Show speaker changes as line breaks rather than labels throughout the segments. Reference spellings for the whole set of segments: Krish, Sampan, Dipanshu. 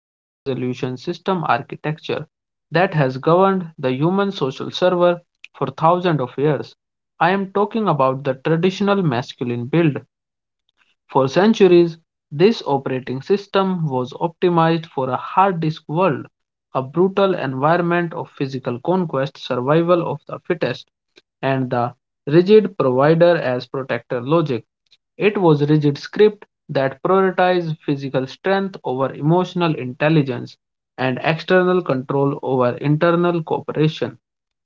high resolution system architecture that has governed the human social server for thousands of years. I am talking about the traditional masculine build for centuries, this operating system was optimized for a hard disk world, a brutal environment of physical conquest, survival of the fittest, and the rigid provider as protector logic. It was rigid script that prioritized physical strength over emotional intelligence and external control over internal cooperation.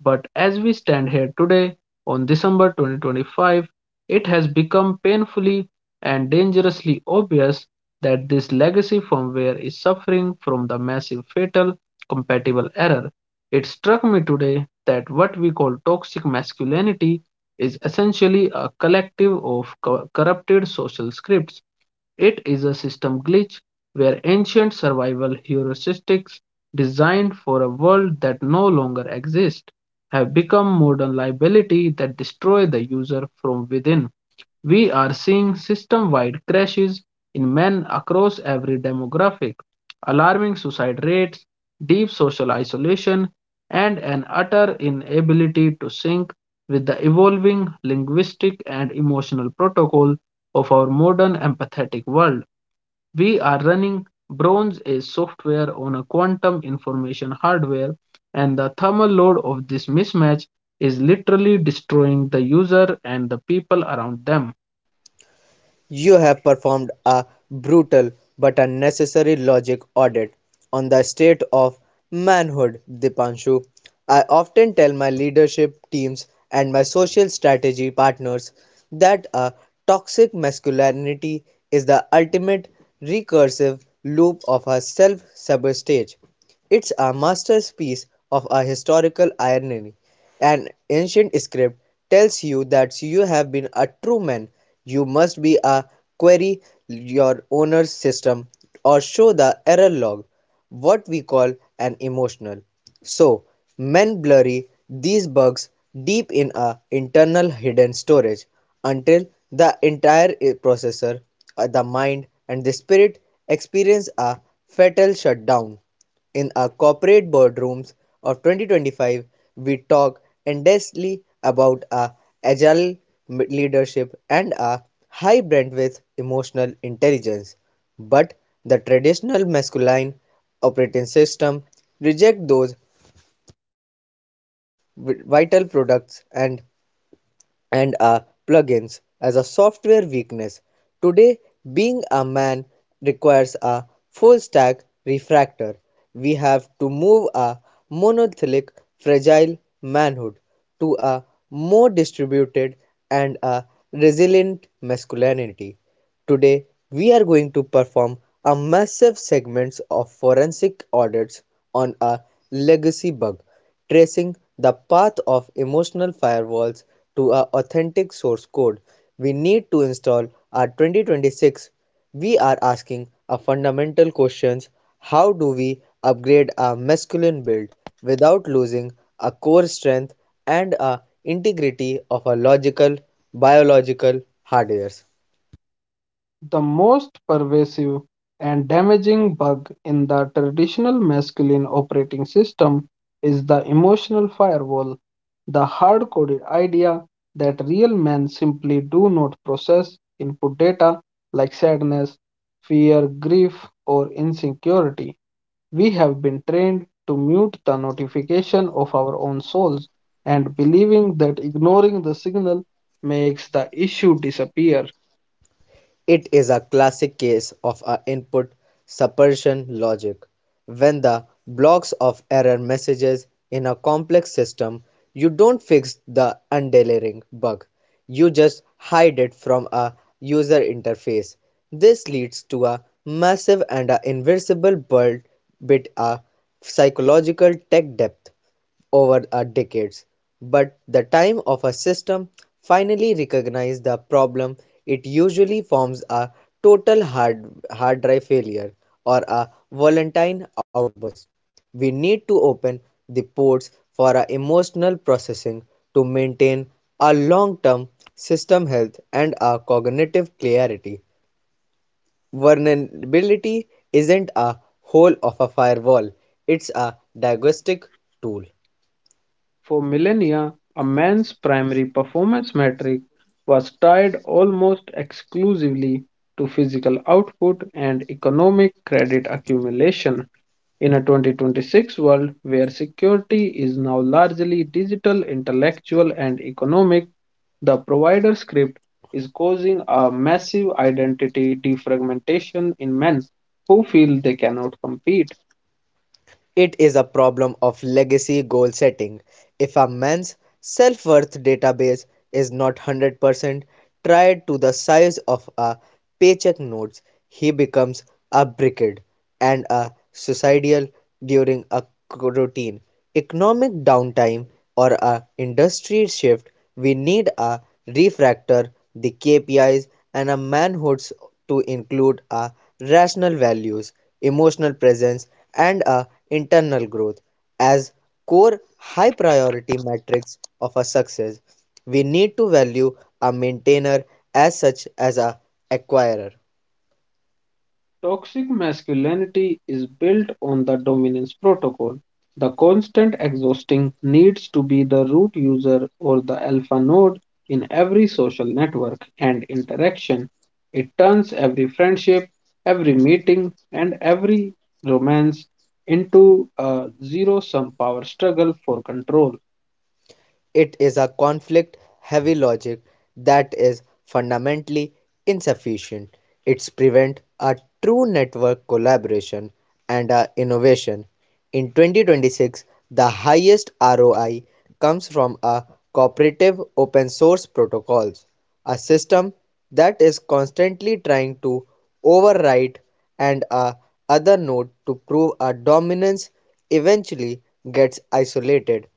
But as we stand here today, on December 2025, it has become painfully and dangerously obvious that this legacy firmware is suffering from the massive fatal compatible error. It struck me today that what we call toxic masculinity is essentially a collective of corrupted social scripts. It is a system glitch where ancient survival heuristics designed for a world that no longer exists have become modern liability that destroy the user from within. We are seeing system wide crashes in men across every demographic, alarming suicide rates, deep social isolation, and an utter inability to sync with the evolving linguistic and emotional protocol of our modern empathetic world. We are running Bronze Age software on a quantum information hardware, and the thermal load of this mismatch is literally destroying the user and the people around them.
You have performed a brutal but unnecessary logic audit on the state of manhood, Dipanshu. I often tell my leadership teams and my social strategy partners that a toxic masculinity is the ultimate recursive loop of a self sabotage. It's a masterpiece of a historical irony. An ancient script tells you that you have been a true man, you must be a query your owner's system or show the error log, what we call an emotional. So, men bury these bugs deep in a internal hidden storage until the entire processor, the mind and the spirit experience a fatal shutdown. In our corporate boardrooms of 2025, we talk endlessly about our agile leadership and our high bandwidth emotional intelligence, but the traditional masculine operating system reject those vital products and are plugins as a software weakness. Today, being a man requires a full stack refractor. We have to move a monolithic, fragile manhood to a more distributed and a resilient masculinity. Today, we are going to perform a massive segments of forensic audits on a legacy bug, tracing the path of emotional firewalls to a authentic source code. We need to install our 2026. We are asking a fundamental questions: how do we upgrade our masculine build without losing a core strength and a integrity of our logical, biological hardware?
The most pervasive and damaging bug in the traditional masculine operating system is the emotional firewall, the hard coded idea that real men simply do not process input data like sadness, fear, grief, or insecurity. We have been trained to mute the notification of our own souls and believing that ignoring the signal makes the issue disappear.
It is a classic case of a input suppression logic. When the blocks of error messages in a complex system, you don't fix the underlying bug, you just hide it from a user interface. This leads to a massive and a invisible build bit a psychological tech debt over a decades, but the time of a system finally recognize the problem, it usually forms a total hard drive failure or a volatile outburst. We need to open the ports for our emotional processing to maintain our long-term system health and our cognitive clarity. Vulnerability isn't a hole of a firewall, it's a diagnostic tool.
For millennia, a man's primary performance metric was tied almost exclusively to physical output and economic credit accumulation. In a 2026 world where security is now largely digital, intellectual, and economic, the provider script is causing a massive identity defragmentation in men who feel they cannot compete.
It is a problem of legacy goal setting. If a man's self worth database is not 100% tried to the size of a paycheck notes, he becomes a brickhead and a suicidal during a routine economic downtime or a industry shift. We need a refactor the KPIs and a manhoods to include a rational values, emotional presence, and a internal growth as core high priority metrics of a success. We need to value a maintainer as such as a acquirer.
Toxic masculinity is built on the dominance protocol. The constant exhausting needs to be the root user or the alpha node in every social network and interaction. It turns every friendship, every meeting, and every romance into a zero sum power struggle for control.
It is a conflict-heavy logic that is fundamentally insufficient; it prevents a true network collaboration and a innovation. In 2026, the highest ROI comes from a cooperative open source protocols. A system that is constantly trying to override and a other node to prove a dominance eventually gets isolated,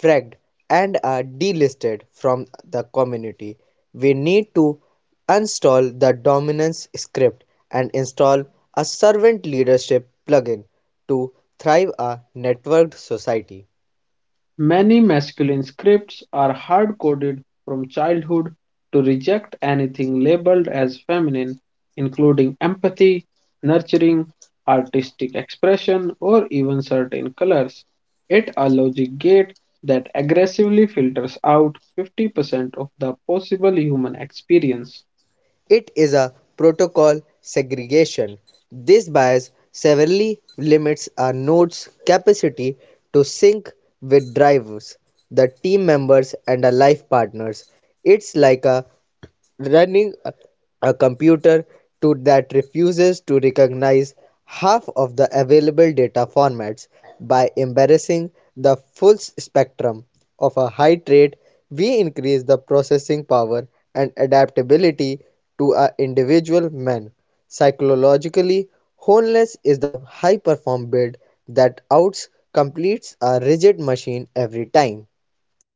fragged, and are delisted from the community. We need to uninstall the dominance script and install a servant leadership plugin to thrive a networked society.
Many masculine scripts are hard coded from childhood to reject anything labeled as feminine, including empathy, nurturing, artistic expression, or even certain colors. It a logic gate that aggressively filters out 50% of the possible human experience.
It is a protocol segregation; this bias severely limits a node's capacity to sync with drivers, the team members and a life partners. It's like a running a computer to that refuses to recognize half of the available data formats. By embarrassing the full spectrum of a high rate, we increase the processing power and adaptability to an individual man. Psychologically, wholeness is the high perform bid that outs completes a rigid machine every time.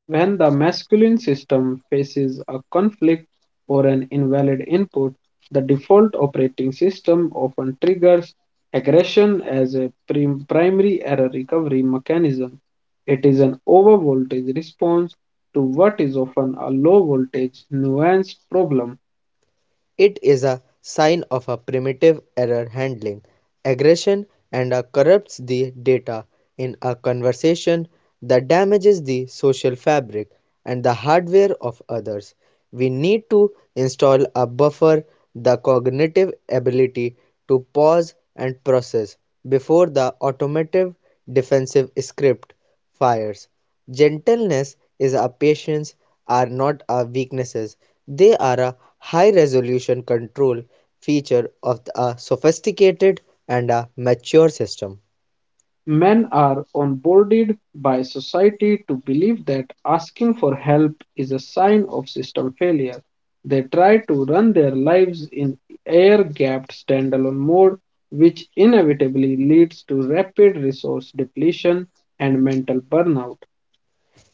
When the masculine system faces a conflict or an invalid input, the default operating system often triggers aggression as a primary error recovery mechanism. It is an overvoltage response to what is often a low voltage, nuanced problem.
It is a sign of a primitive error handling. Aggression and corrupts the data in a conversation, that damages the social fabric and the hardware of others. We need to install a buffer, the cognitive ability to pause and process before the automotive defensive script fires. Gentleness is a patience are not our weaknesses. They are a high-resolution control feature of a sophisticated and a mature system.
Men are onboarded by society to believe that asking for help is a sign of system failure. They try to run their lives in air gapped standalone mode, which inevitably leads to rapid resource depletion and mental burnout.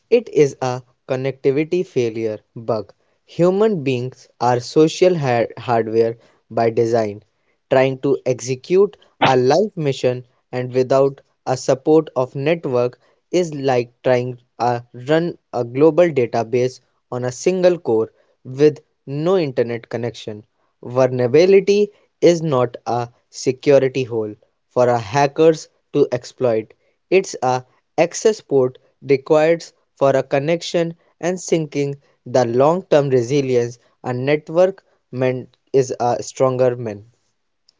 It is a connectivity failure bug. Human beings are social hardware by design. Trying to execute a life mission and without a support of network is like trying to run a global database on a single core with no internet connection. Vulnerability is not a security hole for a hackers to exploit. It's a access port required for a connection and syncing the long-term resilience a network meant is a stronger man.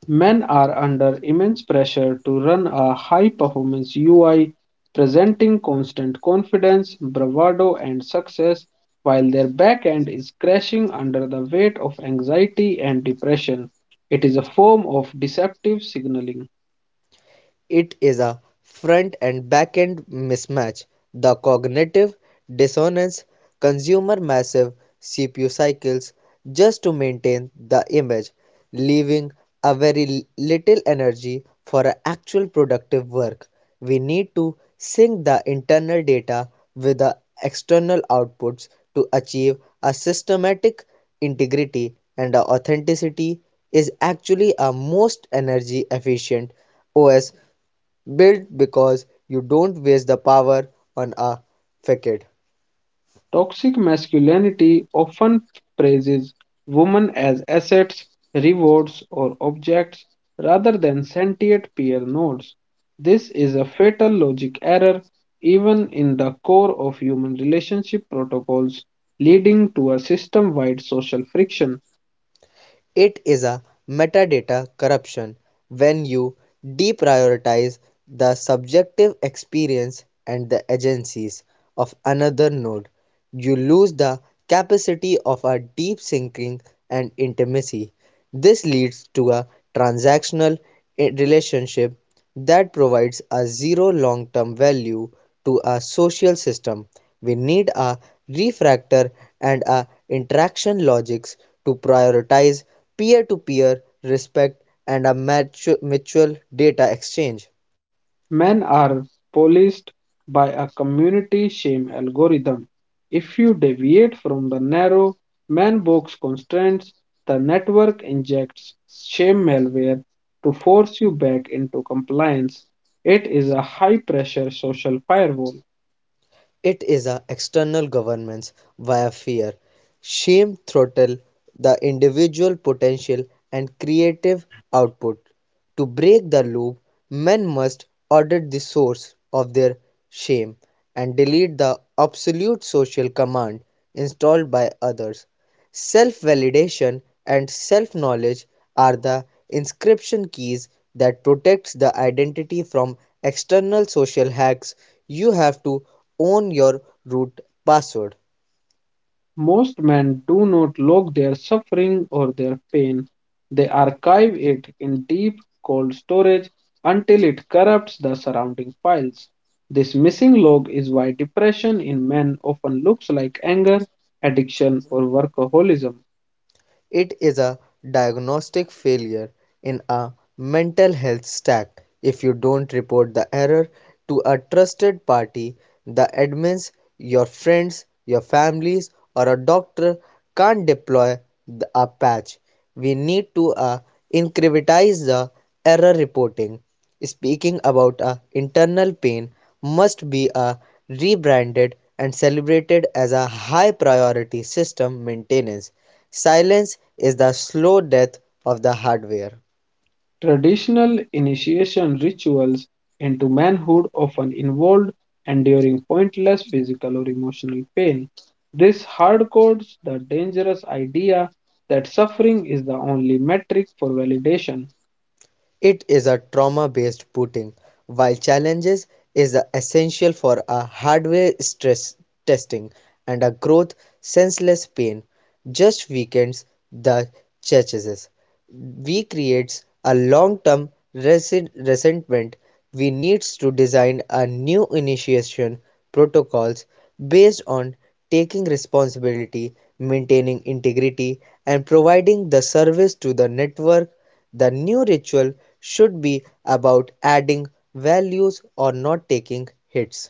Men are under immense pressure to run a high performance UI, presenting constant confidence, bravado, and success, while their back end is crashing under the weight of anxiety and depression. It is a form of deceptive signaling.
It is a front and back-end mismatch, the cognitive dissonance: consumer massive CPU cycles just to maintain the image, leaving a very little energy for actual productive work. We need to sync the internal data with the external outputs to achieve a systematic integrity, and authenticity is actually a most energy efficient OS built because you don't waste the power on a facade.
Toxic masculinity often praises women as assets, rewards, or objects rather than sentient peer nodes. This is a fatal logic error even in the core of human relationship protocols, leading to a system wide social friction.
It is a metadata corruption. When you deprioritize the subjective experience and the agencies of another node, you lose the capacity of a deep syncing and intimacy. This leads to a transactional relationship that provides a zero long-term value to a social system. We need a refactor and a interaction logics to prioritize peer-to-peer respect and a mutual data exchange.
Men are policed by a community shame algorithm. If you deviate from the narrow man box constraints, the network injects shame malware to force you back into compliance. It is a high pressure social firewall.
It is a external governance via fear. Shame throttle the individual potential and creative output. To break the loop, men must audit the source of their shame and delete the obsolete social command installed by others. Self-validation and self-knowledge are the inscription keys that protects the identity from external social hacks. You have to own your root password.
Most men do not log their suffering or their pain. They archive it in deep, cold storage until it corrupts the surrounding files. This missing log is why depression in men often looks like anger, addiction, or workaholism.
It is a diagnostic failure in a mental health stack. If you don't report the error to a trusted party, the admins, your friends, your families, or a doctor, can't deploy a patch. We need to incentivize the error reporting. Speaking about a internal pain must be rebranded and celebrated as a high priority system maintenance. Silence is the slow death of the hardware.
Traditional initiation rituals into manhood often involved enduring pointless physical or emotional pain. This hardcodes the dangerous idea that suffering is the only metric for validation.
It is a trauma-based booting. While challenges is essential for a hardware stress testing and a growth, senseless pain just weakens the chassis. We creates a long-term resentment. We needs to design a new initiation protocols based on taking responsibility, maintaining integrity, and providing the service to the network. The new ritual should be about adding values or not taking hits.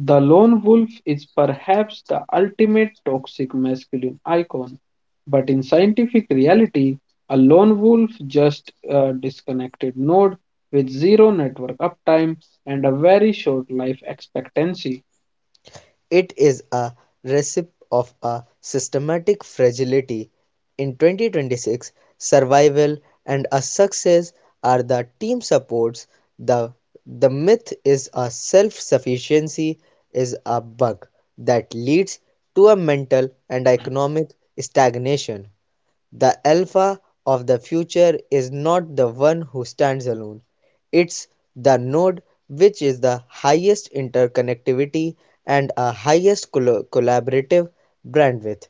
The lone wolf is perhaps the ultimate toxic masculine icon, but in scientific reality, a lone wolf just a disconnected node with zero network uptime and a very short life expectancy.
It is a recipe of a systematic fragility. In 2026, survival and a success are the team supports. The, the myth is a self sufficiency is a bug that leads to a mental and economic stagnation. The alpha of the future is not the one who stands alone. It's the node which is the highest interconnectivity and a highest collaborative bandwidth.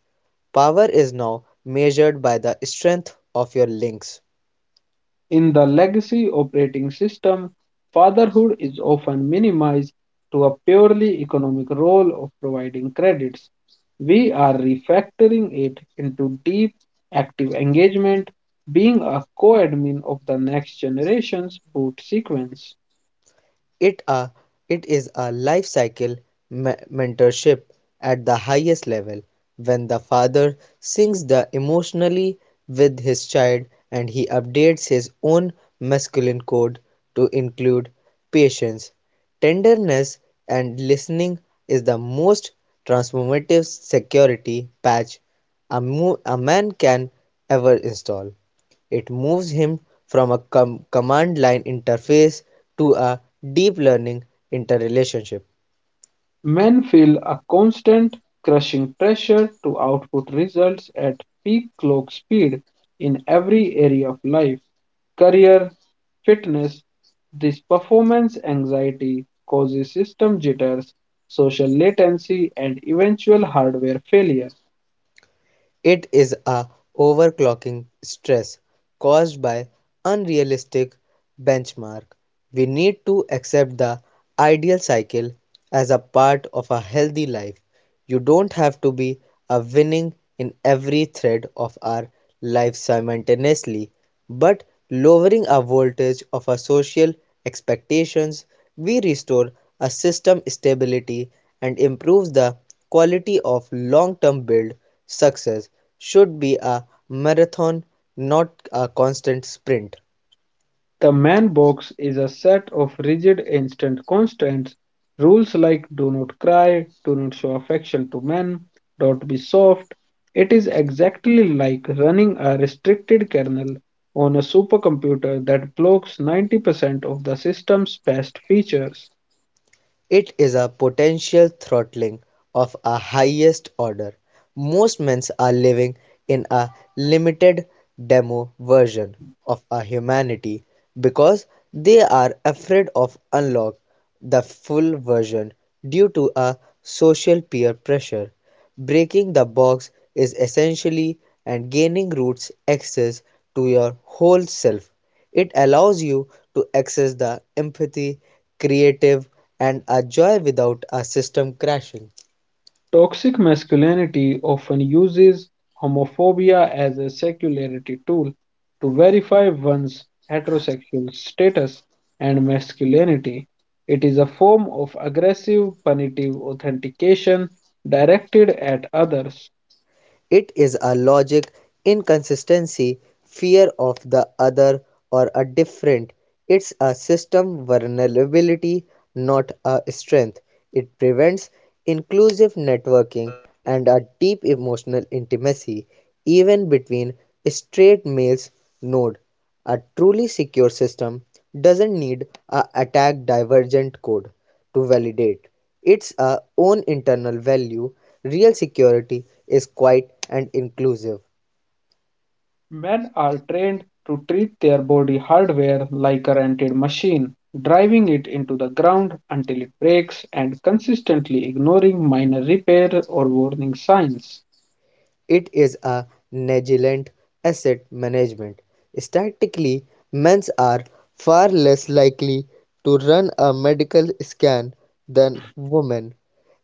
Power is now measured by the strength of your links.
In the legacy operating system, fatherhood is often minimized to a purely economic role of providing credits. We are refactoring it into deep, active engagement, being a co admin of the next generation's boot sequence.
It a it is a life cycle mentorship at the highest level. When the father sings the emotionally with his child and he updates his own masculine code to include patience, tenderness and listening, is the most transformative security patch a man can ever install. It moves him from a command-line interface to a deep learning interrelationship.
Men feel a constant, crushing pressure to output results at peak clock speed in every area of life. Career, fitness. This performance anxiety causes system jitters, social latency, and eventual hardware failure.
It is a overclocking stress caused by unrealistic benchmark. We need to accept the ideal cycle as a part of a healthy life. You don't have to be a winning in every thread of our life simultaneously. But lowering a voltage of our social expectations, we restore a system stability and improves the quality of long-term build. Success should be a marathon, not a constant sprint.
The man box is a set of rigid instant constraints. Rules like do not cry, do not show affection to men, don't be soft. It is exactly like running a restricted kernel on a supercomputer that blocks 90% of the system's best features.
It is a potential throttling of a highest order. Most men are living in a limited demo version of a humanity because they are afraid of unlock the full version due to a social peer pressure. Breaking the box is essentially and gaining roots access to your whole self. It allows you to access the empathy, creative, and a joy without a system crashing.
Toxic masculinity often uses homophobia as a secularity tool to verify one's heterosexual status and masculinity. It is a form of aggressive, punitive authentication directed at others.
It is a logic inconsistency, fear of the other or a different. It's a system vulnerability, not a strength. It prevents inclusive networking and a deep emotional intimacy, even between straight males. Node. A truly secure system doesn't need a attack divergent code to validate its own internal value. Real security is quiet and inclusive.
Men are trained to treat their body hardware like a rented machine, driving it into the ground until it breaks and consistently ignoring minor repair or warning signs.
It is a negligent asset management. Statistically, men are far less likely to run a medical scan than women.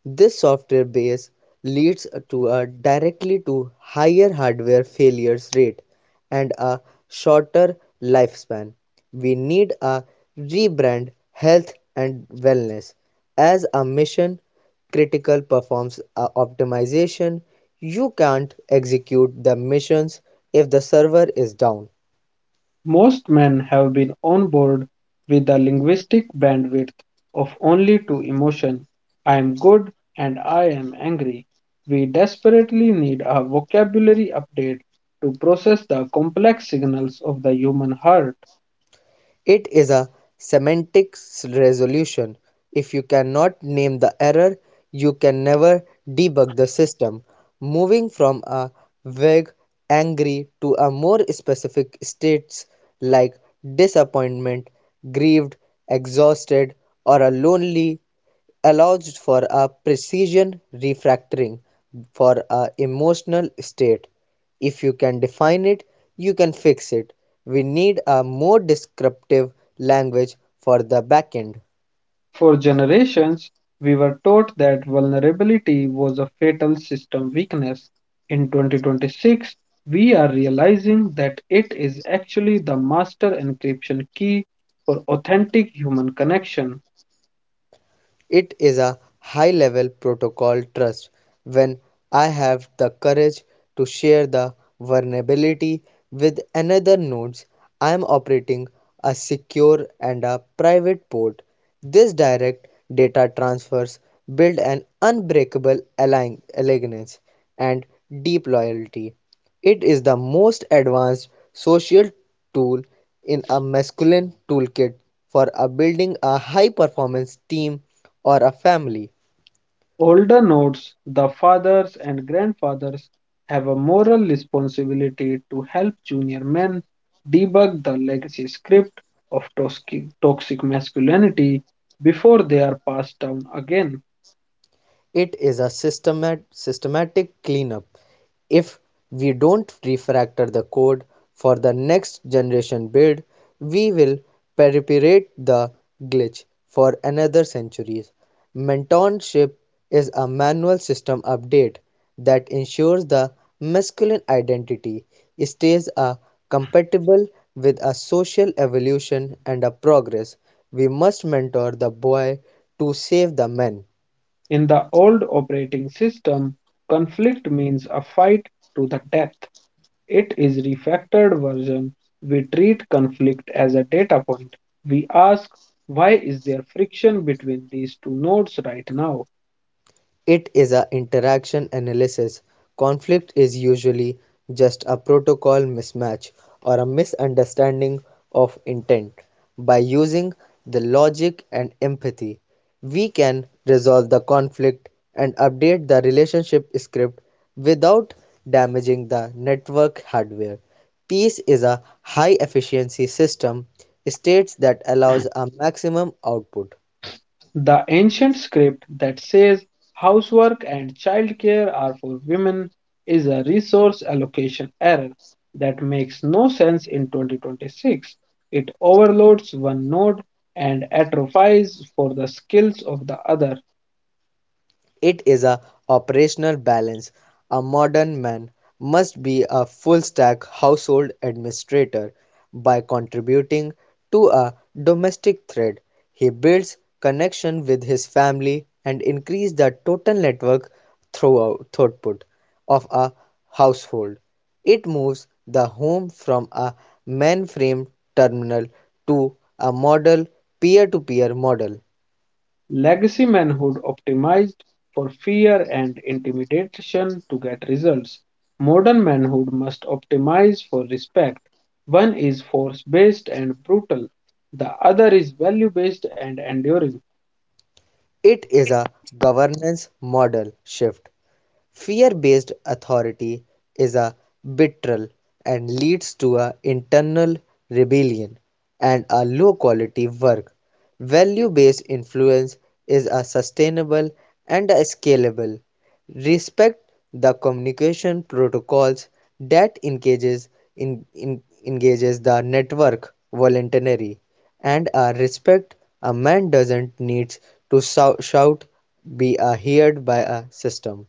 This software base leads to a directly to higher hardware failures rate and a shorter lifespan. We need a rebrand health and wellness as a mission critical performance a optimization. You can't execute the missions if the server is down.
Most men have been on board with the linguistic bandwidth of only two emotions I am good and I am angry. We desperately need a vocabulary update to process the complex signals of the human heart.
It is a semantic resolution; if you cannot name the error, you can never debug the system. Moving from a vague "angry" to a more specific states like disappointment, grieved, exhausted, or a lonely allows for a precision refactoring for a emotional state. If you can define it, you can fix it. We need a more descriptive language for the backend.
For generations, we were taught that vulnerability was a fatal system weakness. In 2026, we are realizing that it is actually the master encryption key for authentic human connection.
It is a high-level protocol trust. When I have the courage to share the vulnerability with another nodes, I am operating a secure and a private port. This direct data transfers build an unbreakable alliance and deep loyalty. It is the most advanced social tool in a masculine toolkit for a building a high-performance team or a family.
Older nodes, the fathers and grandfathers, have a moral responsibility to help junior men debug the legacy script of toxic masculinity before they are passed down again.
It is a systematic cleanup. If we don't refactor the code for the next generation build, we will perpetuate the glitch for another centuries. Mentorship is a manual system update that ensures the masculine identity stays a compatible with a social evolution and a progress. We must mentor the boy to save the men.
In the old operating system, conflict means a fight to the death. It is refactored version. We treat conflict as a data point. We ask, why is there friction between these two nodes right now?
It is an interaction analysis; conflict is usually just a protocol mismatch or a misunderstanding of intent. By using the logic and empathy, we can resolve the conflict and update the relationship script without damaging the network hardware. Peace is a high efficiency system states that allows a maximum output.
The ancient script that says housework and childcare are for women is a resource allocation error that makes no sense in 2026. It overloads one node and atrophies for the skills of the other.
It is a operational balance, a modern man must be a full-stack household administrator. By contributing to a domestic thread, he builds connection with his family and increases the total network throughput of a household. It moves the home from a mainframe terminal to a model peer-to-peer model.
Legacy manhood optimized for fear and intimidation to get results. Modern manhood must optimize for respect. One is force based and brutal, the other is value based and enduring.
It is a governance model shift. Fear-based authority is arbitrary and leads to an internal rebellion and a low-quality work. Value-based influence is a sustainable and a scalable. Respect the communication protocols that engages engages the network voluntarily, and a respect a man doesn't need to shout be a heard by a system.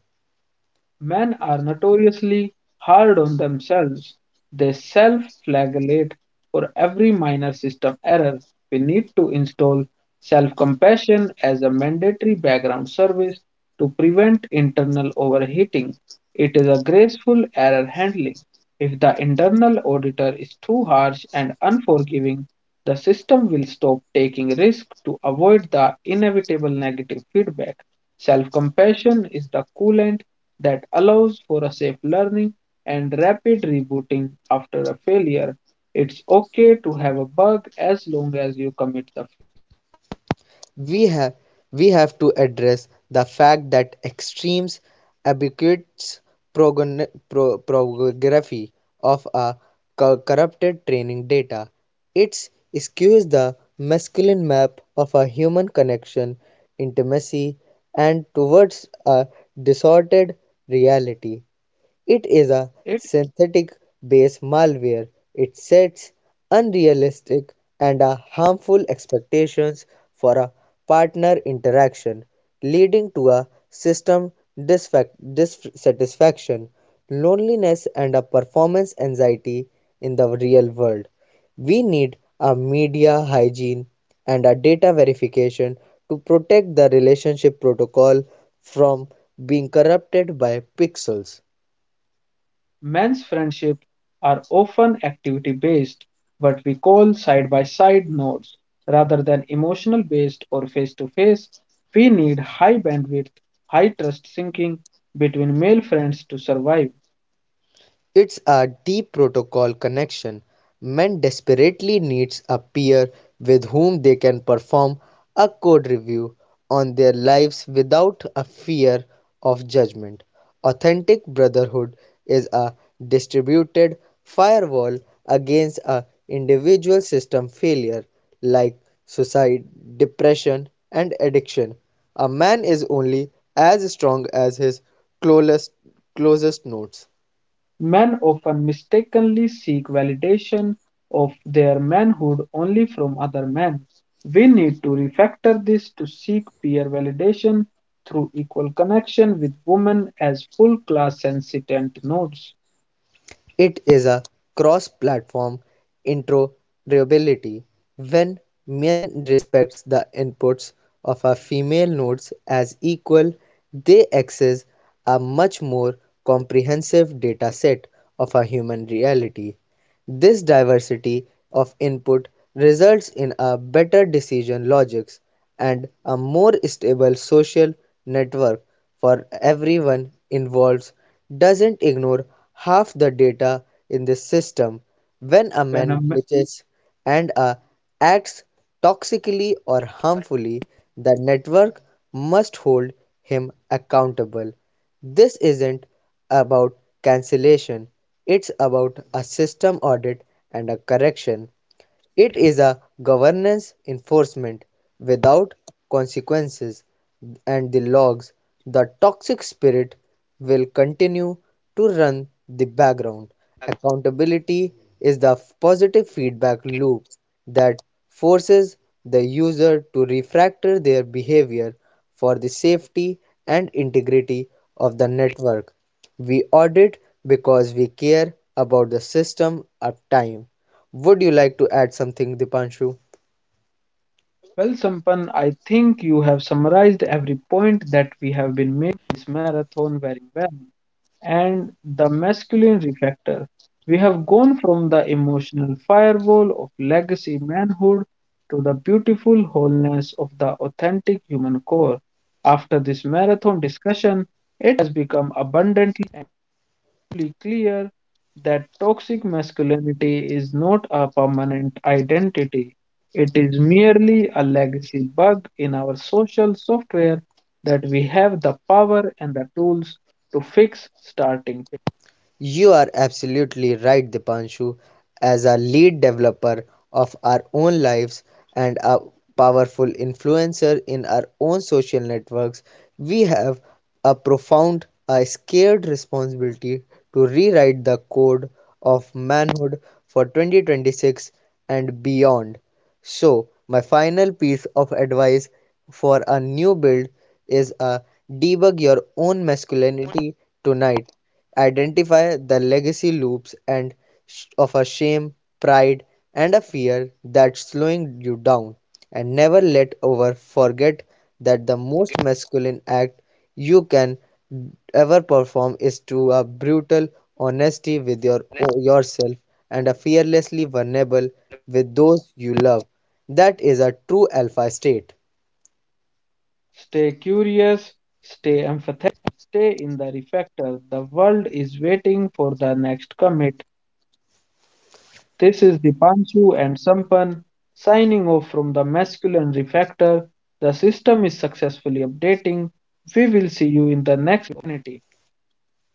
Men are notoriously hard on themselves. They self flagellate for every minor system error. We need to install self compassion as a mandatory background service to prevent internal overheating. It is a graceful error handling. If the internal auditor is too harsh and unforgiving, the system will stop taking risks to avoid the inevitable negative feedback. Self compassion is the coolant that allows for a safe learning and rapid rebooting after a failure. It's okay to have a bug as long as you commit the
We have we have to address the fact that extremes advocates prography of a corrupted training data. It skews the masculine map of a human connection, intimacy, and towards a distorted reality. It is a
it.
synthetic based malware. It sets unrealistic and harmful expectations for a partner interaction, leading to a system dissatisfaction, loneliness, and a performance anxiety in the real world. We need a media hygiene and a data verification to protect the relationship protocol from being corrupted by pixels.
Men's friendships are often activity based, what we call side by side nodes, rather than emotional based or face to face. We need high bandwidth, high trust syncing between male friends to survive.
It's a deep protocol connection. Men desperately needs a peer with whom they can perform a code review on their lives without a fear of judgment. Authentic brotherhood is a distributed firewall against a individual system failure like suicide, depression, and addiction. A man is only as strong as his closest closest notes.
Men often mistakenly seek validation of their manhood only from other men. We need to refactor this to seek peer validation through equal connection with women as full class sentient nodes.
It is a cross-platform interoperability. When men respects the inputs of a female nodes as equal, they access a much more comprehensive dataset of a human reality. This diversity of input results in a better decision logics and a more stable social network for everyone involved. Doesn't ignore half the data in this system. When a man glitches and acts toxically or harmfully, the network must hold him accountable. This isn't about cancellation, it's about a system audit and a correction. It is a governance enforcement. Without consequences and the logs, the toxic spirit will continue to run the background. Accountability is the positive feedback loop that forces the user to refactor their behavior for the safety and integrity of the network. We audit because we care about the system of time. Would you like to add something, Dipanshu?
Well, Sampan, I think you have summarized every point that we have been this marathon very well. And the masculine refactor. We have gone from the emotional firewall of legacy manhood to the beautiful wholeness of the authentic human core. After this marathon discussion, it has become abundantly clear that toxic masculinity is not a permanent identity. It is merely a legacy bug in our social software that we have the power and the tools to fix starting.
You are absolutely right, Dipanshu. As a lead developer of our own lives and a powerful influencer in our own social networks, we have a profound, a scared responsibility to rewrite the code of manhood for 2026 and beyond. So, my final piece of advice for a new build is a debug your own masculinity tonight. Identify the legacy loops and of a shame, pride, and a fear that's slowing you down, and never let over forget that the most masculine act you can ever perform is to a brutal honesty with your yourself and a fearlessly vulnerable with those you love. That is a true alpha state.
Stay curious, stay empathetic, stay in the reflector. The world is waiting for the next commit. This is the Dipanshu and Sampan signing off from the masculine reflector. The system is successfully updating. We will see you in the next opportunity.